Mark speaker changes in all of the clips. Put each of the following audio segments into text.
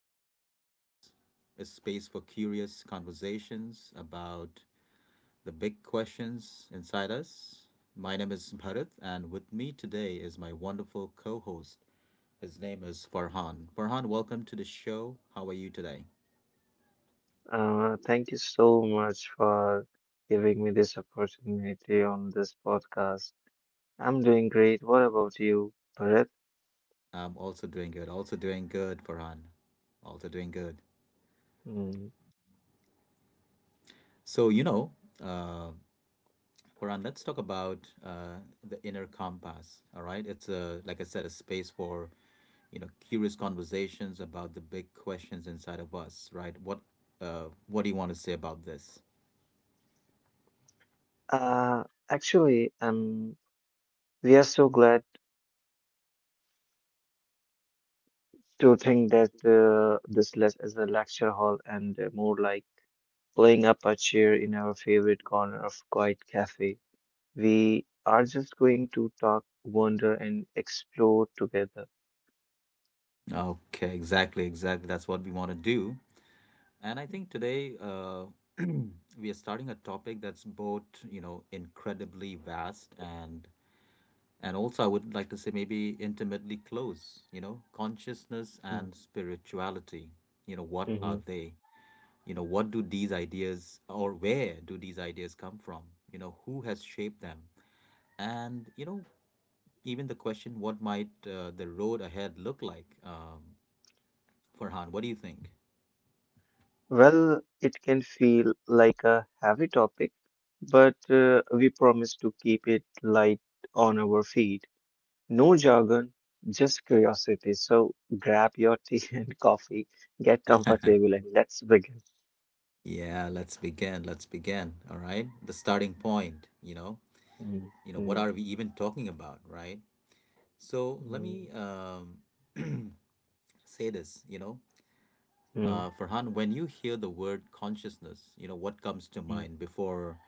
Speaker 1: Inner Compass, a space for curious conversations about the big questions inside us. My name is Bharat, and with me today is my wonderful co host. His name is Farhan. Farhan, welcome to the show. How are you today?
Speaker 2: Thank you so much for giving me this opportunity on this podcast. I'm doing great. What about you, Bharat?
Speaker 1: I'm also doing good. Also doing good, Farhan. Also doing good.
Speaker 2: Mm.
Speaker 1: So, Quran, let's talk about the inner compass. All right, it's a like I said, a space for curious conversations about the big questions inside of us. Right? What do you want to say about this?
Speaker 2: Uh, Actually, we are so glad to think that this less is a lecture hall and more like playing up a chair in our favorite corner of quiet cafe. We are just going to talk, wonder, and explore together.
Speaker 1: Okay, exactly, exactly. That's what we want to do. And I think today we are starting a topic that's both incredibly vast and also I would like to say maybe intimately close. You know, consciousness
Speaker 2: Mm.
Speaker 1: and spirituality. You know, what are
Speaker 2: Mhm.
Speaker 1: they? You know, what do these ideas or where do these ideas come from? You know, who has shaped them? And, you know, even the question, what might the road ahead look like? Farhan, what do you think?
Speaker 2: Well, it can feel like a heavy topic, but we promise to keep it light on our feed. No jargon, just curiosity. So grab your tea and coffee, get comfortable, and let's begin.
Speaker 1: Yeah, let's begin. Let's begin. All right. The starting point, you know,
Speaker 2: Mm,
Speaker 1: you know, what
Speaker 2: mm,
Speaker 1: are we even talking about, right? So let me
Speaker 2: mm,
Speaker 1: um, say this, you know,
Speaker 2: mm,
Speaker 1: Farhan, when you hear the word consciousness, you know, what comes to
Speaker 2: mm.
Speaker 1: mind before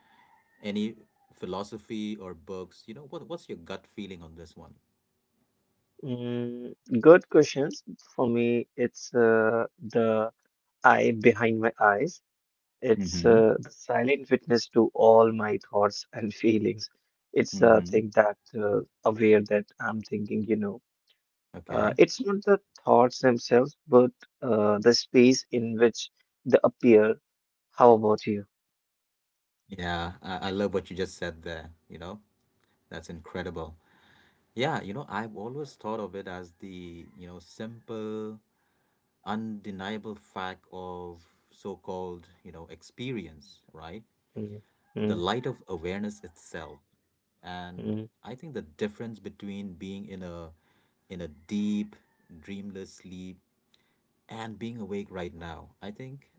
Speaker 1: any philosophy or books? You know, what's your gut feeling on this one?
Speaker 2: Mm, Good questions. For me, it's the eye behind my eyes. It's
Speaker 1: Mm-hmm.
Speaker 2: the silent witness to all my thoughts and feelings. It's a
Speaker 1: Mm-hmm.
Speaker 2: thing that aware that I'm thinking.
Speaker 1: Okay.
Speaker 2: It's not the thoughts themselves, but the space in which they appear. How about you?
Speaker 1: Yeah, I love what you just said there. You know, that's incredible. Yeah, you know, I've always thought of it as the, you know, simple, undeniable fact of so-called, you know, experience, right?
Speaker 2: Mm,
Speaker 1: The
Speaker 2: mm,
Speaker 1: light of awareness itself, and
Speaker 2: mm.
Speaker 1: I think the difference between being in a deep dreamless sleep and being awake right now, I think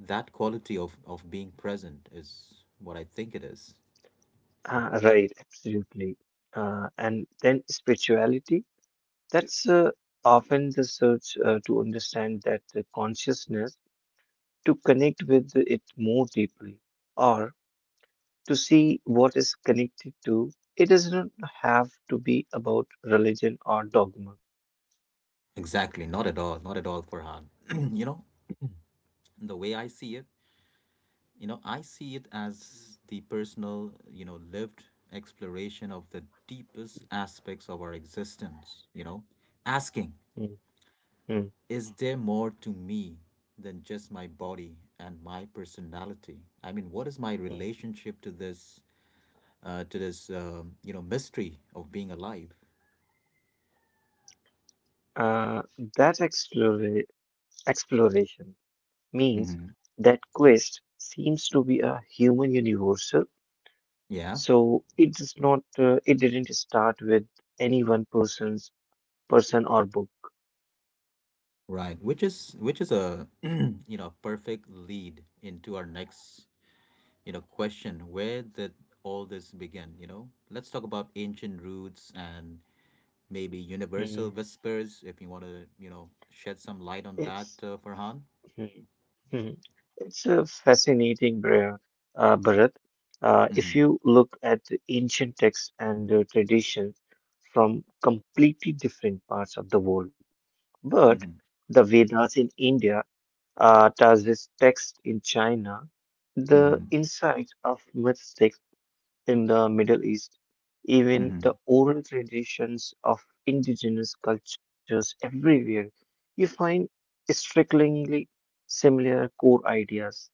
Speaker 1: that quality of being present is what I think it is.
Speaker 2: Ah, right, absolutely. And then spirituality, that's often the search to understand that the consciousness, to connect with it more deeply. Or to see what is connected to. It doesn't have to be about religion or dogma.
Speaker 1: Exactly, not at all, Farhan. You know, the way I see it, you know, I see it as the personal, you know, lived exploration of the deepest aspects of our existence, you know, asking
Speaker 2: Mm, mm,
Speaker 1: is there more to me than just my body and my personality? I mean, what is my
Speaker 2: mm.
Speaker 1: relationship to this to this you know, mystery of being alive?
Speaker 2: Uh, that explora- Exploration means
Speaker 1: Hmm.
Speaker 2: that quest seems to be a human universal.
Speaker 1: Yeah,
Speaker 2: So it does not. It didn't start with any one person's person or book.
Speaker 1: right, which is a you know, perfect lead into our next, you know, question. Where did all this begin? You know, let's talk about ancient roots and maybe universal
Speaker 2: Mm.
Speaker 1: whispers, if you want to, you know, shed some light on that,
Speaker 2: It's
Speaker 1: Farhan.
Speaker 2: Hmm, hmm. It's a fascinating, Bharat. If
Speaker 1: Hmm.
Speaker 2: you look at the ancient texts and the traditions from completely different parts of the world, but
Speaker 1: Hmm.
Speaker 2: the Vedas in India, Taoist texts in China, the
Speaker 1: Hmm.
Speaker 2: insights of myths in the Middle East. Even
Speaker 1: Mm-hmm.
Speaker 2: the oral traditions of indigenous cultures everywhere, you find strikingly similar core ideas.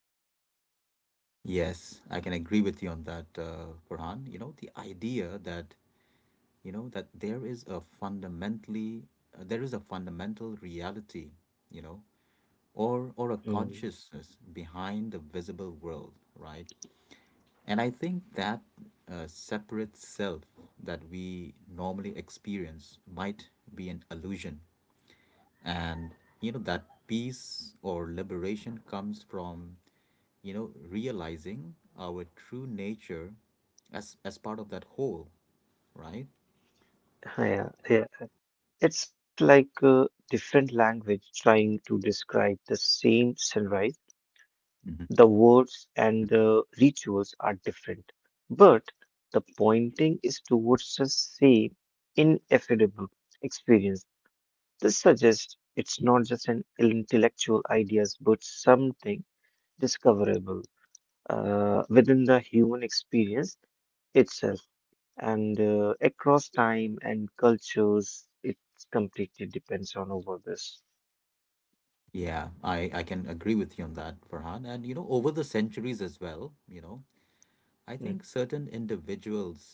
Speaker 1: Yes, I can agree with you on that, Farhan. You know, the idea that, you know, that there is a there is a fundamental reality, you know, or a
Speaker 2: Mm,
Speaker 1: consciousness behind the visible world, right? And I think that separate self that we normally experience might be an illusion, and you know, that peace or liberation comes from, you know, realizing our true nature as part of that whole, right?
Speaker 2: Yeah, yeah. It's like a different language trying to describe the same sunrise.
Speaker 1: Mhm.
Speaker 2: The words and the rituals are different, but the pointing is towards the same ineffable experience. This suggests it's not just an intellectual ideas, but something discoverable within the human experience itself. And across time and cultures, it completely depends on over this.
Speaker 1: Yeah, I can agree with you on that, Farhan. And you know, over the centuries as well, you know, I
Speaker 2: Mm,
Speaker 1: think certain individuals,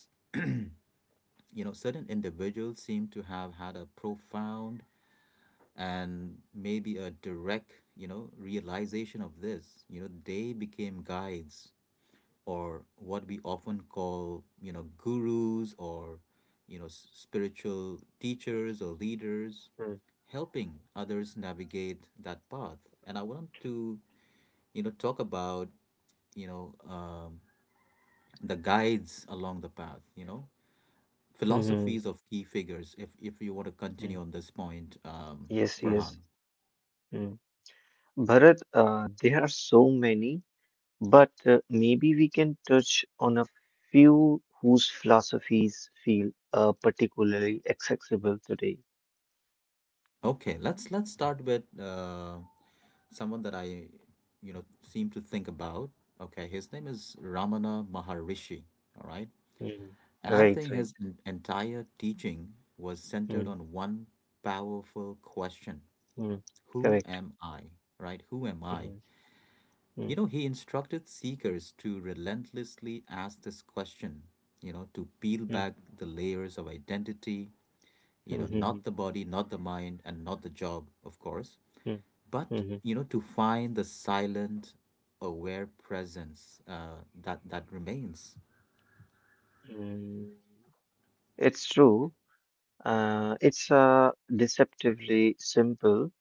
Speaker 1: seem to have had a profound and maybe a direct, you know, realization of this. You know, they became guides, or what we often call, you know, gurus or, you know, spiritual teachers or leaders,
Speaker 2: Mm,
Speaker 1: helping others navigate that path. And I want to, you know, talk about, you know, the guides along the path, you know,
Speaker 2: mhm, mm.
Speaker 1: philosophies of key figures, if, you want to
Speaker 2: mm.
Speaker 1: continue on this point,
Speaker 2: Yes,
Speaker 1: Farhan.
Speaker 2: yes. Mm. Bharat, there are so many, but maybe we can touch on a few whose philosophies feel particularly accessible today.
Speaker 1: Okay, let's start with someone that I, you know, seem to think about. Okay, his name is Ramana Maharishi. All right.
Speaker 2: Mm.
Speaker 1: And I
Speaker 2: Right,
Speaker 1: think his
Speaker 2: right.
Speaker 1: entire teaching was centered
Speaker 2: Mm,
Speaker 1: on one powerful question.
Speaker 2: mm,
Speaker 1: Who
Speaker 2: correct.
Speaker 1: am I? Right? Who am I?
Speaker 2: Mm,
Speaker 1: You
Speaker 2: mm,
Speaker 1: know, he instructed seekers to relentlessly ask this question, you know, to peel
Speaker 2: mm,
Speaker 1: back the layers of identity, you know,
Speaker 2: mm,
Speaker 1: not
Speaker 2: mm,
Speaker 1: the body, not the mind, and not the job, of course,
Speaker 2: mm,
Speaker 1: but,
Speaker 2: mm,
Speaker 1: you know, to find the silent, aware presence that, remains.
Speaker 2: mm. It's true. It's deceptively simple,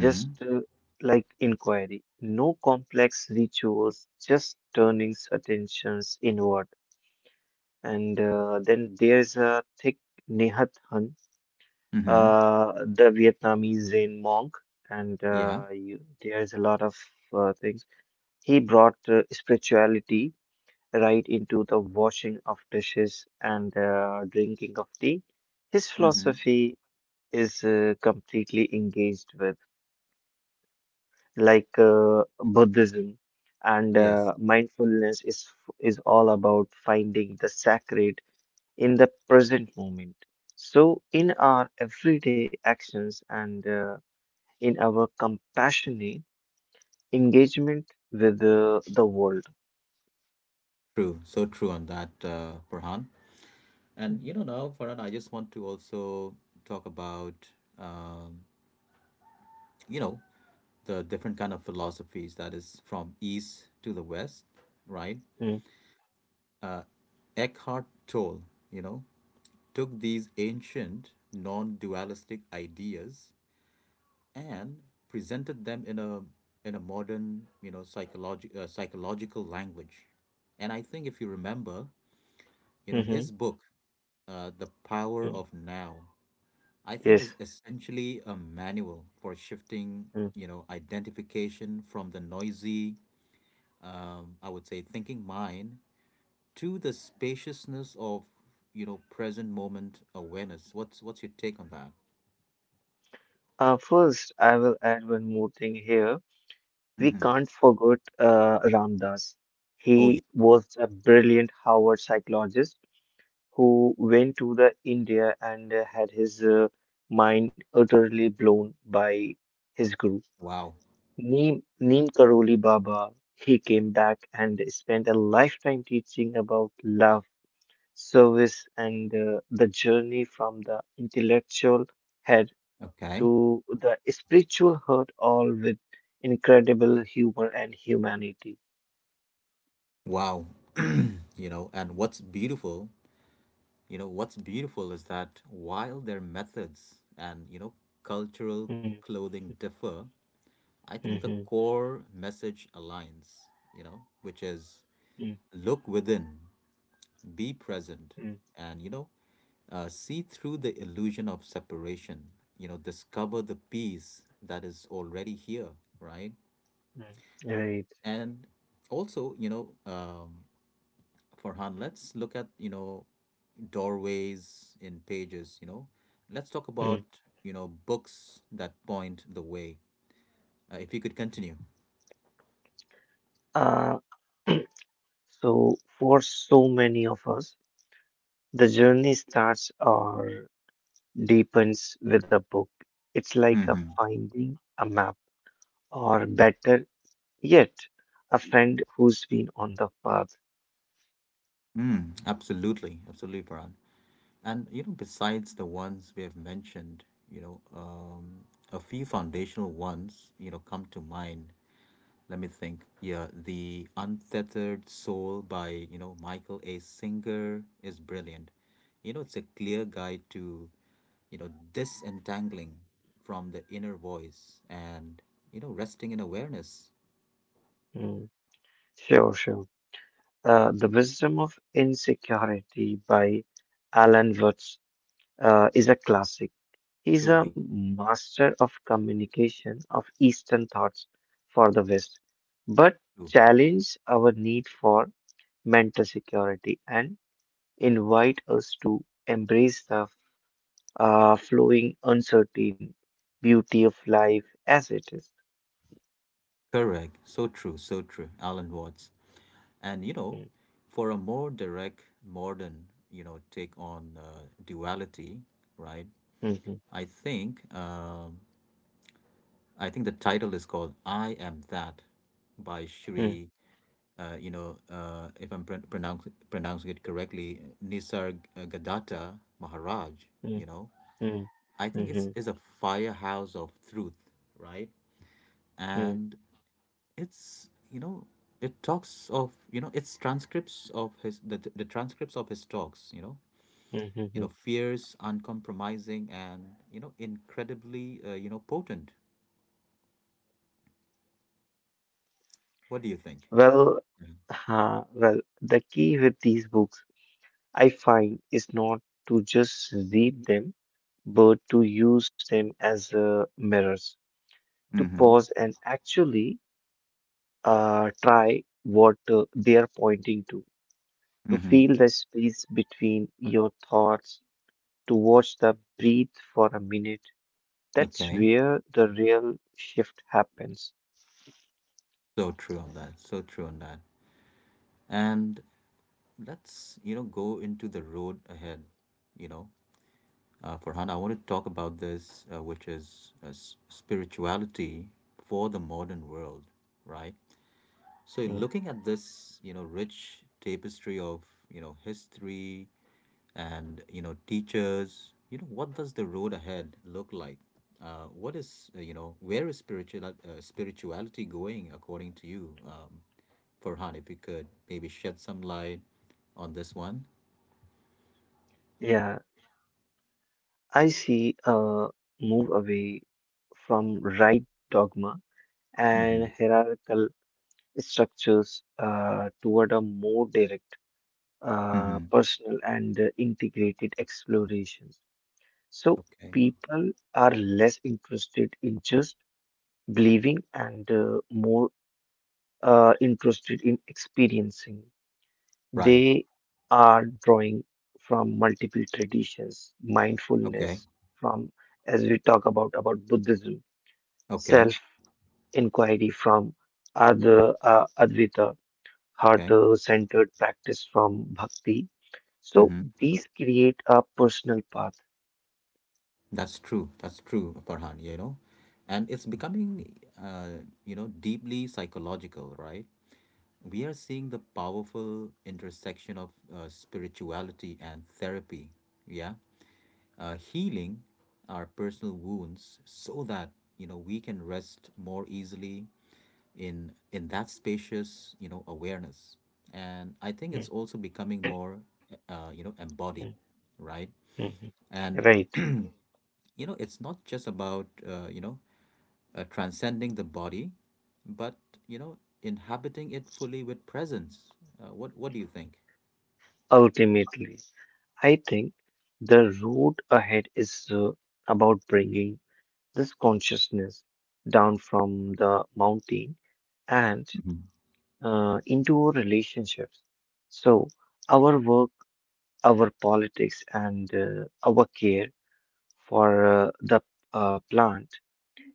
Speaker 2: just like inquiry. No complex rituals, just turnings attentions inward. And then there's a thick Nehat Hun,
Speaker 1: Mm-hmm.
Speaker 2: the Vietnamese Zen monk, and
Speaker 1: Yeah.
Speaker 2: you, there's a lot of things. He brought spirituality right into the washing of dishes and drinking of tea. His
Speaker 1: Mm-hmm.
Speaker 2: philosophy is completely engaged with, like Buddhism, and
Speaker 1: Yes.
Speaker 2: mindfulness is all about finding the sacred in the present moment. So, in our everyday actions and in our compassionate engagement with the world.
Speaker 1: True. So true on that, Farhan. And you know, now, Farhan, I just want to also talk about, um, you know, the different kind of philosophies that is from east to the west, right?
Speaker 2: Mm,
Speaker 1: Eckhart Tolle, you know, took these ancient non-dualistic ideas and presented them in a modern, you know, psychological language. And I think if you remember, you know, his
Speaker 2: mhm,
Speaker 1: book The Power of
Speaker 2: mm.
Speaker 1: Now, I think, is
Speaker 2: Yes.
Speaker 1: essentially a manual for shifting,
Speaker 2: mm.
Speaker 1: you know, identification from the noisy, I would say, thinking mind to the spaciousness of, you know, present moment awareness. What's your take on that?
Speaker 2: First, I will add one more thing here. We
Speaker 1: Hmm.
Speaker 2: can't forget Ramdas.
Speaker 1: Oh yeah.
Speaker 2: He was a brilliant Harvard psychologist who went to the India and had his mind utterly blown by his guru.
Speaker 1: Wow.
Speaker 2: Neem Karoli Baba, he came back and spent a lifetime teaching about love, service, and the journey from the intellectual head
Speaker 1: Okay.
Speaker 2: to the spiritual heart, all with incredible humor and humanity.
Speaker 1: Wow. You know, and what's beautiful, is that while their methods and, you know, cultural
Speaker 2: Mm,
Speaker 1: clothing differ, I think the
Speaker 2: mhm,
Speaker 1: core message aligns, you know, which is
Speaker 2: mm,
Speaker 1: look within, be present,
Speaker 2: mm,
Speaker 1: and you know, see through the illusion of separation, you know, discover the peace that is already here, right?
Speaker 2: mm. Right.
Speaker 1: And also, you know, Farhan, let's look at, you know, doorways in pages, you know. Let's talk
Speaker 2: Mm.
Speaker 1: about, you know, books that point the way, if you could continue.
Speaker 2: Uh, so, for so many of us, the journey starts. Or deepens with a book. It's like a
Speaker 1: Hmm.
Speaker 2: finding a map, or better yet, a friend who's been on the path.
Speaker 1: Mm, absolutely, Farhan. And you know, besides the ones we have mentioned, you know, a few foundational ones, you know, come to mind. Let me think. Yeah, The Untethered Soul by, you know, Michael A. Singer is brilliant. You know, it's a clear guide to, you know, disentangling from the inner voice and, you know, resting in awareness.
Speaker 2: Mm, Sure, sure. The Wisdom of Insecurity by Alan Watts is a classic. He's a
Speaker 1: Truly.
Speaker 2: master of communication of Eastern thoughts for the West, but
Speaker 1: True.
Speaker 2: challenge our need for mental security and invite us to embrace the flowing, uncertain beauty of life as it is.
Speaker 1: Correct. So true. So true. Alan Watts. And you know,
Speaker 2: Mm,
Speaker 1: for a more direct, modern, you know, take on duality, right?
Speaker 2: mhm,
Speaker 1: I think um, I think the title is called "I Am That" by
Speaker 2: mm,
Speaker 1: Shri. You know, if I'm pronouncing it correctly, Nisargadatta Maharaj.
Speaker 2: mm,
Speaker 1: You know,
Speaker 2: mm,
Speaker 1: I think it's
Speaker 2: mhm,
Speaker 1: is a firehouse of truth, right?
Speaker 2: mm,
Speaker 1: And it's, you know, it talks of, you know, it's transcripts of his, the transcripts of his talks, you know, you know,
Speaker 2: mhm.
Speaker 1: fierce, uncompromising, and you know, incredibly, you know, potent. What do you think?
Speaker 2: Well, well, the key with these books I find is not to just read them, but to use them as mirrors, to
Speaker 1: Mm-hmm.
Speaker 2: pause and actually try what they are pointing to
Speaker 1: Mm-hmm.
Speaker 2: feel the space between your thoughts, to watch them breathe for a minute. That's
Speaker 1: Okay,
Speaker 2: where the real shift happens.
Speaker 1: so true on that, and let's, you know, go into the road ahead, you know. Farhan, I want to talk about this, which is spirituality for the modern world, right? So
Speaker 2: Mm.
Speaker 1: looking at this, you know, rich tapestry of, you know, history and, you know, teachers, you know, what does the road ahead look like? What is, you know, where is spirituality going according to you? Farhan, if you could maybe shed some light on this one.
Speaker 2: Yeah, I see a move away from right dogma and
Speaker 1: Mm-hmm.
Speaker 2: hierarchical structures toward a more direct,
Speaker 1: Mm-hmm.
Speaker 2: personal, and integrated explorations. So
Speaker 1: Okay.
Speaker 2: people are less interested in just believing and more interested in experiencing.
Speaker 1: Right.
Speaker 2: They are drawing from multiple traditions,
Speaker 1: Okay.
Speaker 2: mindfulness from, as we talk about Buddhism,
Speaker 1: Okay.
Speaker 2: self-inquiry from Advaita,
Speaker 1: Okay.
Speaker 2: heart-centered practice from Bhakti. So
Speaker 1: Mm-hmm.
Speaker 2: these create a personal path.
Speaker 1: That's true. That's true, Farhan, you know. And it's becoming, you know, deeply psychological, right? We are seeing the powerful intersection of spirituality and therapy, yeah? Healing our personal wounds so that, you know, we can rest more easily in that spacious, you know, awareness. And I think it's
Speaker 2: Mhm,
Speaker 1: also becoming more, you know, embodied, right?
Speaker 2: mhm.
Speaker 1: And
Speaker 2: Right.
Speaker 1: you know, it's not just about transcending the body, but you know, inhabiting it fully with presence. What What do you think?
Speaker 2: Ultimately, I think the road ahead is about bringing this consciousness down from the mountain and
Speaker 1: Mhm,
Speaker 2: into our relationships. So, our work, our politics, and our care for the plant,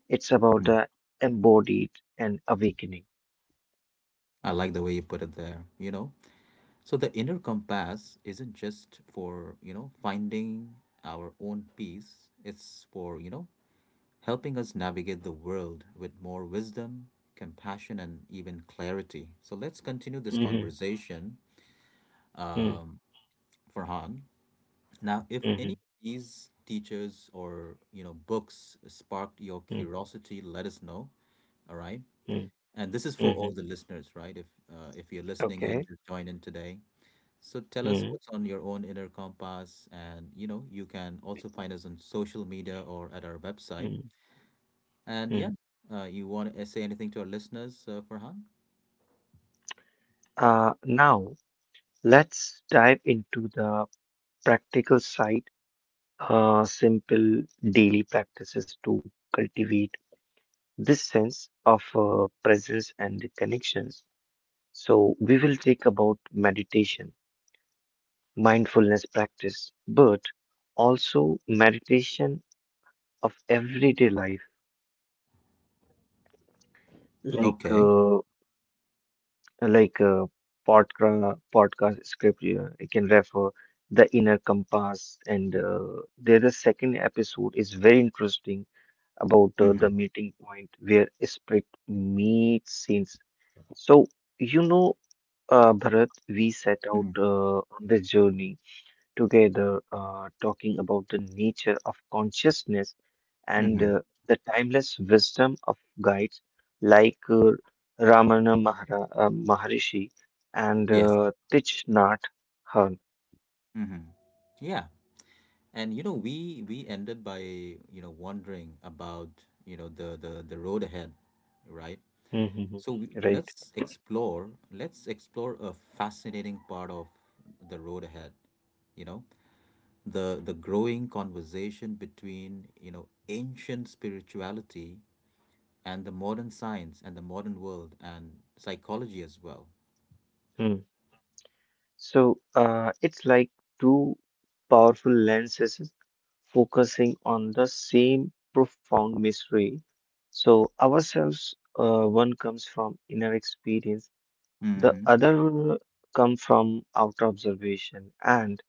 Speaker 2: it's about
Speaker 1: mhm.
Speaker 2: the embodied and awakening.
Speaker 1: I like the way you put it there. You know, so the inner compass isn't just for, you know, finding our own peace. It's for, you know, helping us navigate the world with more wisdom, compassion, and even clarity. So let's continue this
Speaker 2: Mhm,
Speaker 1: conversation,
Speaker 2: mm,
Speaker 1: Farhan. Now, if any
Speaker 2: mhm,
Speaker 1: of these teachers or, you know, books sparked your
Speaker 2: mm,
Speaker 1: curiosity, let us know. All right,
Speaker 2: mm,
Speaker 1: and this is for all
Speaker 2: mhm.
Speaker 1: the listeners, right? If you're listening and
Speaker 2: Okay.
Speaker 1: just join in today, so tell us
Speaker 2: Mm,
Speaker 1: what's on your own inner compass, and you know, you can also find us on social media or at our website.
Speaker 2: mm,
Speaker 1: And
Speaker 2: mm.
Speaker 1: yeah, you want to say anything to our listeners, Farhan?
Speaker 2: Now, let's dive into the practical side, simple daily practices to cultivate this sense of presence and the connections. So we will take about meditation, mindfulness practice, but also meditation of everyday life, like
Speaker 1: Okay.
Speaker 2: uh, like podcast script. Yeah, I can refer the inner compass, and there the second episode is very interesting about the
Speaker 1: Mm-hmm.
Speaker 2: meeting point where spirit meets scenes. So you know Bharat, we set out
Speaker 1: Mm-hmm.
Speaker 2: on this journey together, talking about the nature of consciousness and
Speaker 1: Mm-hmm.
Speaker 2: the timeless wisdom of guides like uh, Maharishi and
Speaker 1: Yes.
Speaker 2: Thich Nhat Hanh.
Speaker 1: Mm-hmm. Yeah. And you know, we ended by, you know, wondering about, you know, the road ahead, right?
Speaker 2: Mhm, mhm.
Speaker 1: So we,
Speaker 2: Right.
Speaker 1: let's explore, a fascinating part of the road ahead, you know, the growing conversation between, you know, ancient spirituality and the modern science and the modern world and psychology as well.
Speaker 2: Hmm. So it's like two powerful lenses focusing on the same profound mystery. So ourselves, one comes from inner experience, the
Speaker 1: Mm-hmm.
Speaker 2: other come from outer observation, and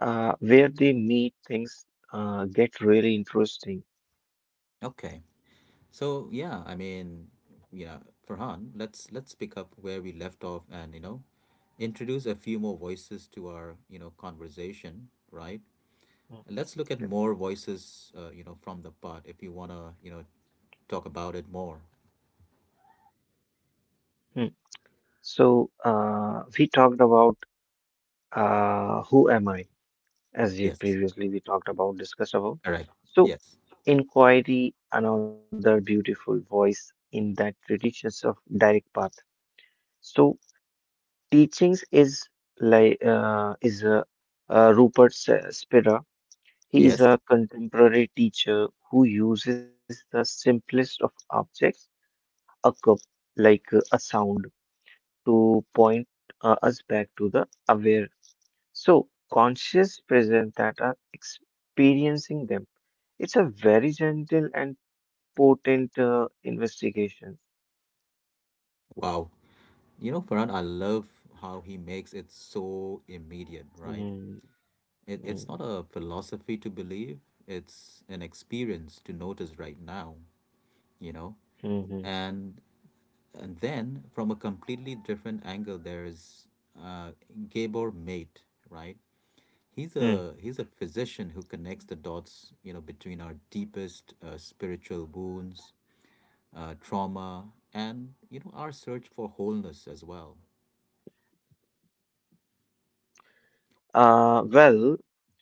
Speaker 2: where they meet, things get really interesting.
Speaker 1: Okay. So yeah, I mean, yeah, Farhan, let's pick up where we left off and, you know, introduce a few more voices to our, you know, conversation, right?
Speaker 2: Mm,
Speaker 1: And let's look at
Speaker 2: okay.
Speaker 1: more voices, you know, from the pod if you wanna, you know, talk about it more.
Speaker 2: Hmm. So we talked about who am I? As you
Speaker 1: Yes.
Speaker 2: previously we talked about, discussed about.
Speaker 1: Correct.
Speaker 2: So,
Speaker 1: Yes.
Speaker 2: inquiry, another beautiful voice in that traditions of direct path. So, teachings is like is Rupert Spira. He is
Speaker 1: Yes.
Speaker 2: a contemporary teacher who uses the simplest of objects, a cup, like a sound, to point us back to the aware. So, conscious presence that are experiencing them. It's a very gentle and potent investigation.
Speaker 1: Wow. You know, Farhan, I love how he makes it so immediate, right?
Speaker 2: Mm,
Speaker 1: It's
Speaker 2: mm,
Speaker 1: not a philosophy to believe, it's an experience to notice right now, you know?
Speaker 2: mhm,
Speaker 1: And And then, from a completely different angle, there's uh, Gabor Mate, right?
Speaker 2: mm.
Speaker 1: He's a physician who connects the dots, you know, between our deepest spiritual wounds, trauma, and, you know, our search for wholeness as well.
Speaker 2: Well,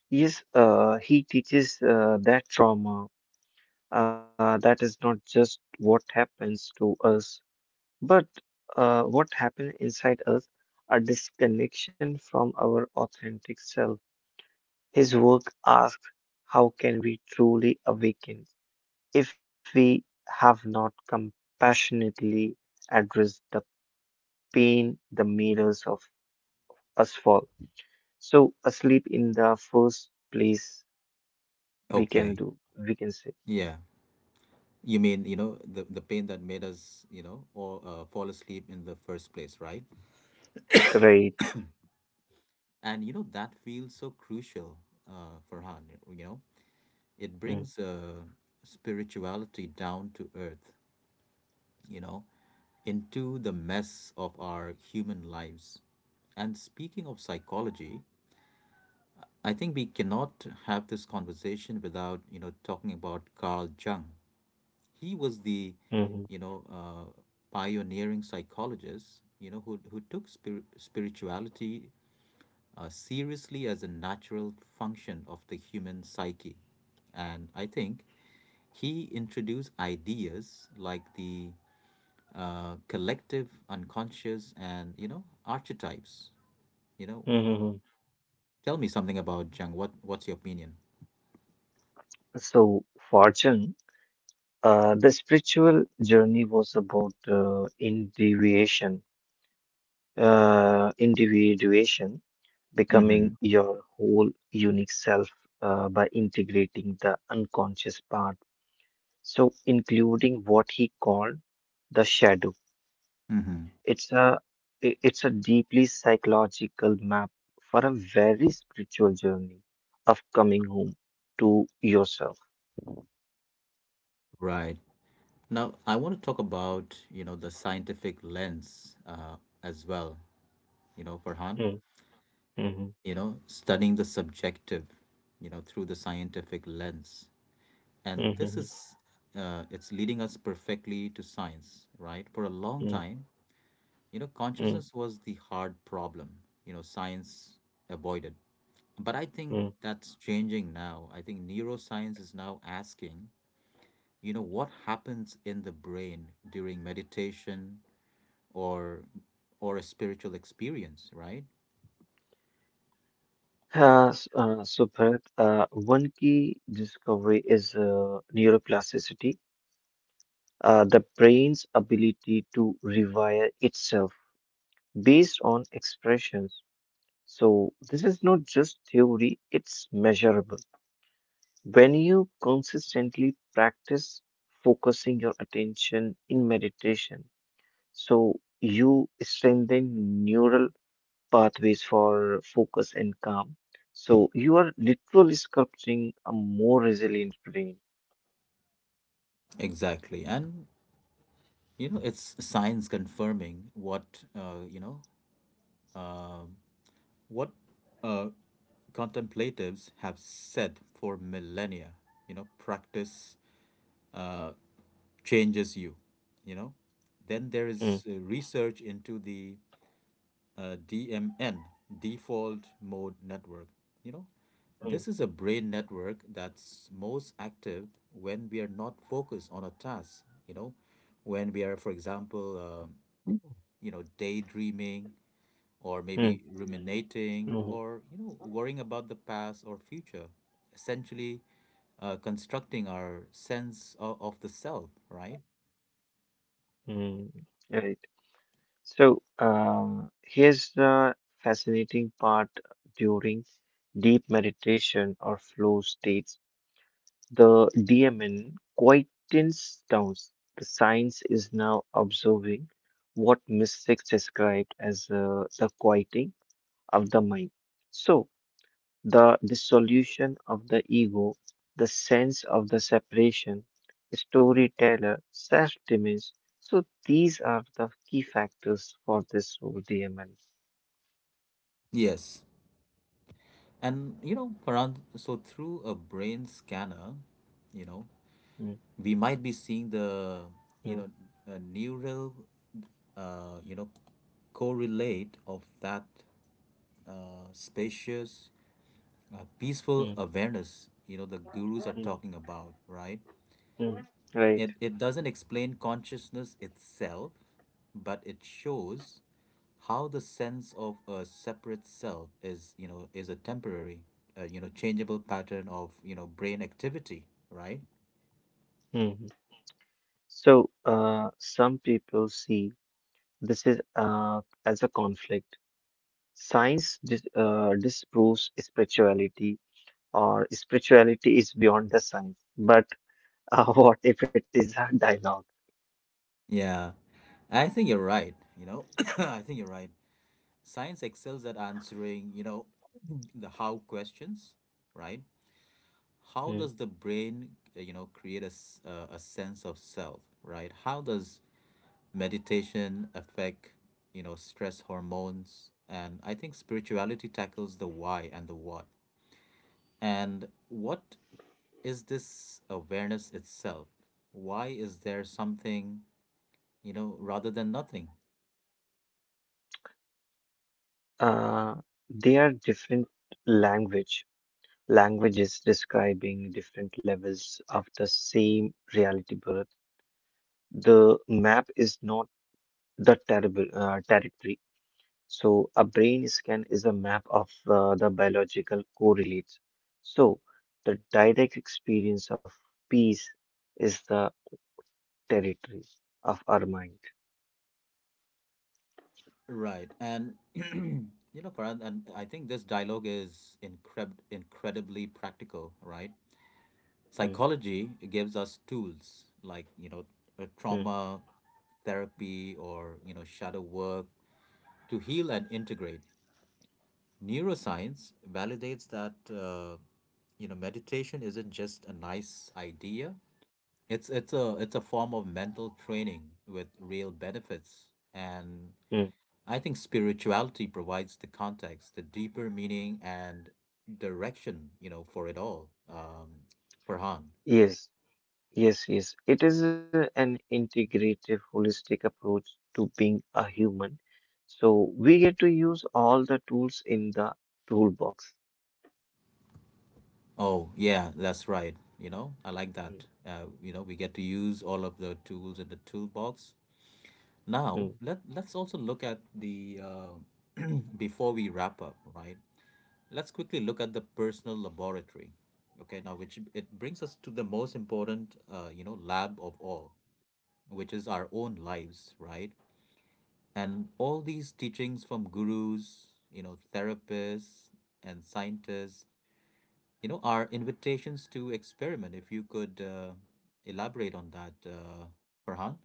Speaker 2: yes, he teaches that trauma that is not just what happens to us, but what happens inside us, a disconnection from our authentic self. His work asks, How can we truly awaken? If we have not compassionately addressed the pain the mirrors of us fall. So asleep in the first place we can
Speaker 1: Okay.
Speaker 2: do, we can say,
Speaker 1: Yeah. You mean, you know, the pain that made us, you know, or fall asleep in the first place, right?
Speaker 2: great.
Speaker 1: And you know, that feels so crucial, Farhan, you know. It
Speaker 2: Mm,
Speaker 1: brings spirituality down to earth, you know, into the mess of our human lives. And speaking of psychology, I think we cannot have this conversation without, you know, talking about Carl Jung. He was the,
Speaker 2: mhm,
Speaker 1: you know, pioneering psychologist, you know, who took spirituality seriously as a natural function of the human psyche. And I think he introduced ideas like the collective unconscious and, you know, archetypes. You know,
Speaker 2: mhm, mhm.
Speaker 1: tell me something about Jung. What's your opinion?
Speaker 2: So fortune, the spiritual journey was about individuation,
Speaker 1: Mm-hmm.
Speaker 2: becoming your whole unique self by integrating the unconscious part so including what he called the shadow.
Speaker 1: Mm-hmm.
Speaker 2: It's a it's a deeply psychological map for a very spiritual journey of coming home to yourself.
Speaker 1: Right. Now, I want to talk about, you know, the scientific lens as well, you know, Farhan,
Speaker 2: Mm, mhm,
Speaker 1: you know, studying the subjective, you know, through the scientific lens. And this
Speaker 2: mhm,
Speaker 1: is it's leading us perfectly to science, right? For a long
Speaker 2: Hmm.
Speaker 1: time, you know,
Speaker 2: Hmm.
Speaker 1: consciousness was the hard problem, you know, science avoided. But I think
Speaker 2: Hmm.
Speaker 1: that's changing now. I think neuroscience is now asking, you know, what happens in the brain during meditation, or a spiritual experience, right?
Speaker 2: S- so, Bharat, one key discovery is neuroplasticity, the brain's ability to rewire itself based on expressions. So, this is not just theory, it's measurable. When you consistently practice focusing your attention in meditation, so you strengthen neural pathways for focus and calm. So, you are literally sculpting a more resilient brain.
Speaker 1: Exactly. And you know, it's science confirming what you know, what uh, contemplatives have said for millennia. You know, practice changes you, you know. Then there
Speaker 2: Mm,
Speaker 1: is research into the DMN, default mode network. You know,
Speaker 2: mm,
Speaker 1: this is a brain network that's most active when we are not focused on a task, you know, when we are, for example, you know, daydreaming, or
Speaker 2: mm,
Speaker 1: maybe ruminating,
Speaker 2: mm,
Speaker 1: or, you know, worrying about the past or future, essentially constructing our sense of the self, right?
Speaker 2: mm. Right. So, here's the fascinating part during deep meditation or flow states. The DMN quietens down. The science is now observing what mystics described as the quieting of the mind. So, the dissolution of the ego, the sense of the separation, storyteller, self image. So these are the key factors for this role.
Speaker 1: Yes. And, you know, Farhan, so through a brain scanner, you know,
Speaker 2: Mm,
Speaker 1: we might be seeing the,
Speaker 2: mm,
Speaker 1: you know, a neural, you know, correlate of that spacious peaceful
Speaker 2: mm,
Speaker 1: awareness, you know, the gurus are
Speaker 2: mm,
Speaker 1: talking about, right?
Speaker 2: mm.
Speaker 1: it,
Speaker 2: Right.
Speaker 1: it doesn't explain consciousness itself, but it shows how the sense of a separate self is, you know, is a temporary, you know, changeable pattern of, you know, brain activity, right?
Speaker 2: Mhm. So some people see this is as a conflict. Science disproves spirituality, or spirituality is beyond the science. But what if it is a dialogue?
Speaker 1: Yeah, I think you're right, you know. I think you're right. Science excels at answering, you know, the how questions, right? How
Speaker 2: Mm-hmm.
Speaker 1: does the brain, you know, create a, a sense of self, right? How does meditation affect, you know, stress hormones? And I think spirituality tackles the why and the what. And what is this awareness itself? Why is there something, you know, rather than nothing?
Speaker 2: Uh, they are different language. Languages describing different levels of the same reality birth. The map is not the terrible territory. So a brain scan is a map of the biological correlates. So the direct experience of peace is the territory of our mind.
Speaker 1: Right. And you know, Farhan, and I think this dialogue is incredibly practical, right?
Speaker 2: Mm,
Speaker 1: Psychology gives us tools like, you know,
Speaker 2: mm,
Speaker 1: trauma therapy or, you know, shadow work, to heal and integrate. Neuroscience validates that, you know, meditation isn't just a nice idea. It's a form of mental training with real benefits. And
Speaker 2: mm.
Speaker 1: I think spirituality provides the context, the deeper meaning, and direction, you know, for it all. Um, Farhan.
Speaker 2: Yes. Yes, yes. It is an integrative, holistic approach to being a human. So we get to use all the tools in the toolbox.
Speaker 1: Oh, yeah, that's right. You know, I like that.
Speaker 2: Mm,
Speaker 1: You know, we get to use all of the tools in the toolbox.
Speaker 2: mm.
Speaker 1: Now, let's also look at the before we wrap up, right? Let's quickly look at the personal laboratory. Okay, now which it brings us to the most important, you know, lab of all, which is our own lives, right? And all these teachings from gurus, you know, therapists and scientists, you know, are invitations to experiment. If you could elaborate on that, Farhan.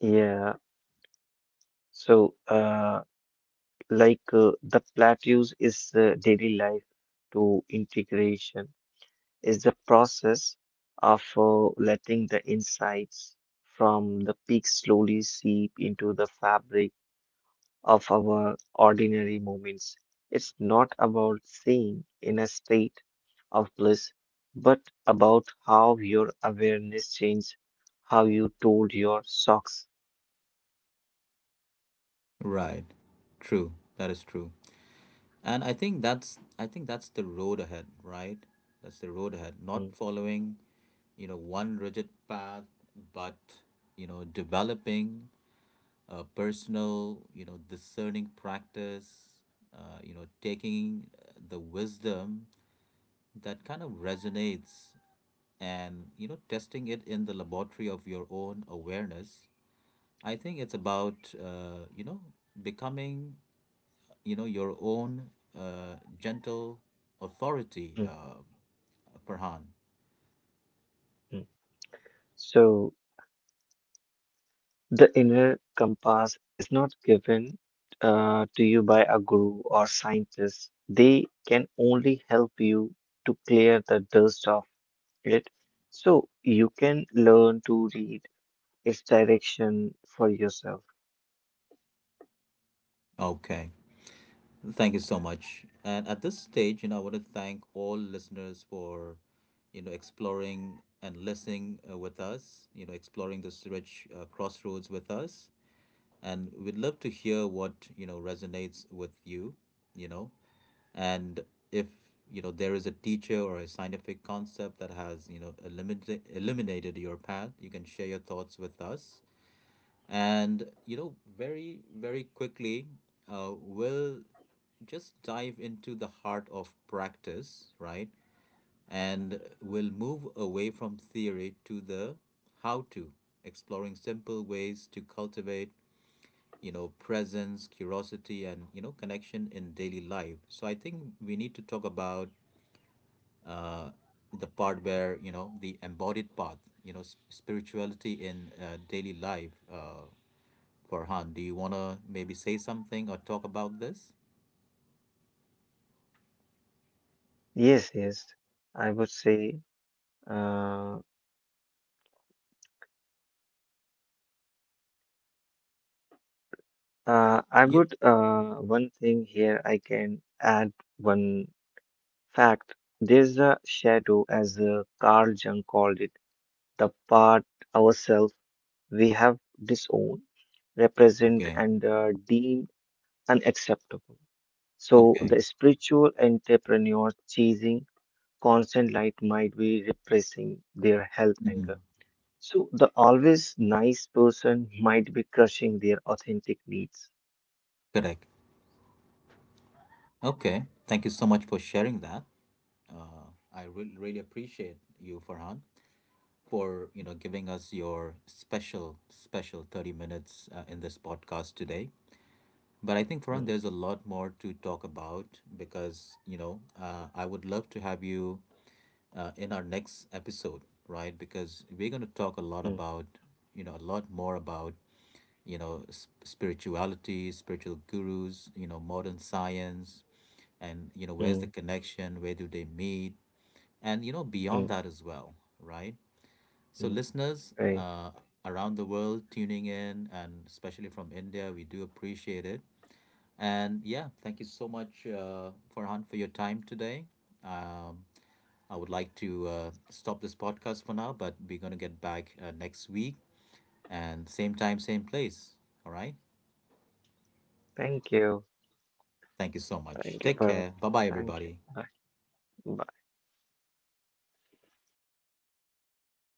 Speaker 2: Yeah. So, like the plateaus is daily life to integration is the process of letting the insights from the peak slowly seep into the fabric of our ordinary moments. It's not about staying in a state of bliss, but about how your awareness changed how you told your socks.
Speaker 1: Right. True. That is true. And I think that's the road ahead, right? That's the road ahead.
Speaker 2: Mm,
Speaker 1: Not following, you know, one rigid path, but, you know, developing a personal, you know, discerning practice, you know, taking the wisdom that kind of resonates, and you know, testing it in the laboratory of your own awareness. I think it's about, you know, becoming, you know, your own, gentle authority,
Speaker 2: mm,
Speaker 1: Farhan.
Speaker 2: mm. So, the inner compass is not given to you by a guru or scientist. They can only help you to clear the dust of it so you can learn to read its direction for yourself.
Speaker 1: Okay. Thank you so much. And at this stage, you know, I want to thank all listeners for, you know, exploring and listening, with us, you know, exploring this rich, crossroads with us. And we'd love to hear what, you know, resonates with you, you know. And if, you know, there is a teacher or a scientific concept that has, you know, eliminated your path, you can share your thoughts with us. And you know, very, very quickly, we'll just dive into the heart of practice, right? And we'll
Speaker 2: Mm.
Speaker 1: move away from theory to the how to exploring simple ways to cultivate, you know, presence, curiosity, and, you know, connection in daily life. So I think we need to talk about, uh, the part where, you know, the embodied path, you know, spirituality in, daily life. Farhan, do you wanna maybe say something or talk about this?
Speaker 2: Yes, yes. I would say, uh, I
Speaker 1: Yeah.
Speaker 2: would, one thing here I can add one fact. There's a shadow, as Carl Jung called it, the part ourselves we have disowned, represent,
Speaker 1: Okay.
Speaker 2: and deemed unacceptable. So
Speaker 1: Okay.
Speaker 2: the spiritual entrepreneurs chasing constant light might be repressing their health
Speaker 1: Hmm.
Speaker 2: anger. So the always nice person might be crushing their authentic needs.
Speaker 1: Correct. Okay. Thank you so much for sharing that. I really, really appreciate you, Farhan, for you know, giving us your special, special 30 minutes in this podcast today. But I think, Farhan,
Speaker 2: Mm,
Speaker 1: there's a lot more to talk about because, you know, I would love to have you in our next episode, right? Because we're going to talk a lot
Speaker 2: mm,
Speaker 1: about, you know, a lot more about, you know, spirituality, spiritual gurus, you know, modern science, and, you know, where's the
Speaker 2: mm,
Speaker 1: connection? Where do they meet? And, you know, beyond
Speaker 2: mm,
Speaker 1: that as well, right? So,
Speaker 2: mm.
Speaker 1: listeners,
Speaker 2: Right.
Speaker 1: around the world tuning in, and especially from India, we do appreciate it. And yeah, thank you so much, Farhan, for your time today. Um, I would like to stop this podcast for now, but we're going to get back, next week, and same time, same place. All right.
Speaker 2: Thank you.
Speaker 1: Thank you so much.
Speaker 2: Thank you,
Speaker 1: Take
Speaker 2: Bharat.
Speaker 1: care. Bye bye,
Speaker 2: Thank you.
Speaker 1: everybody.
Speaker 2: Bye. Bye.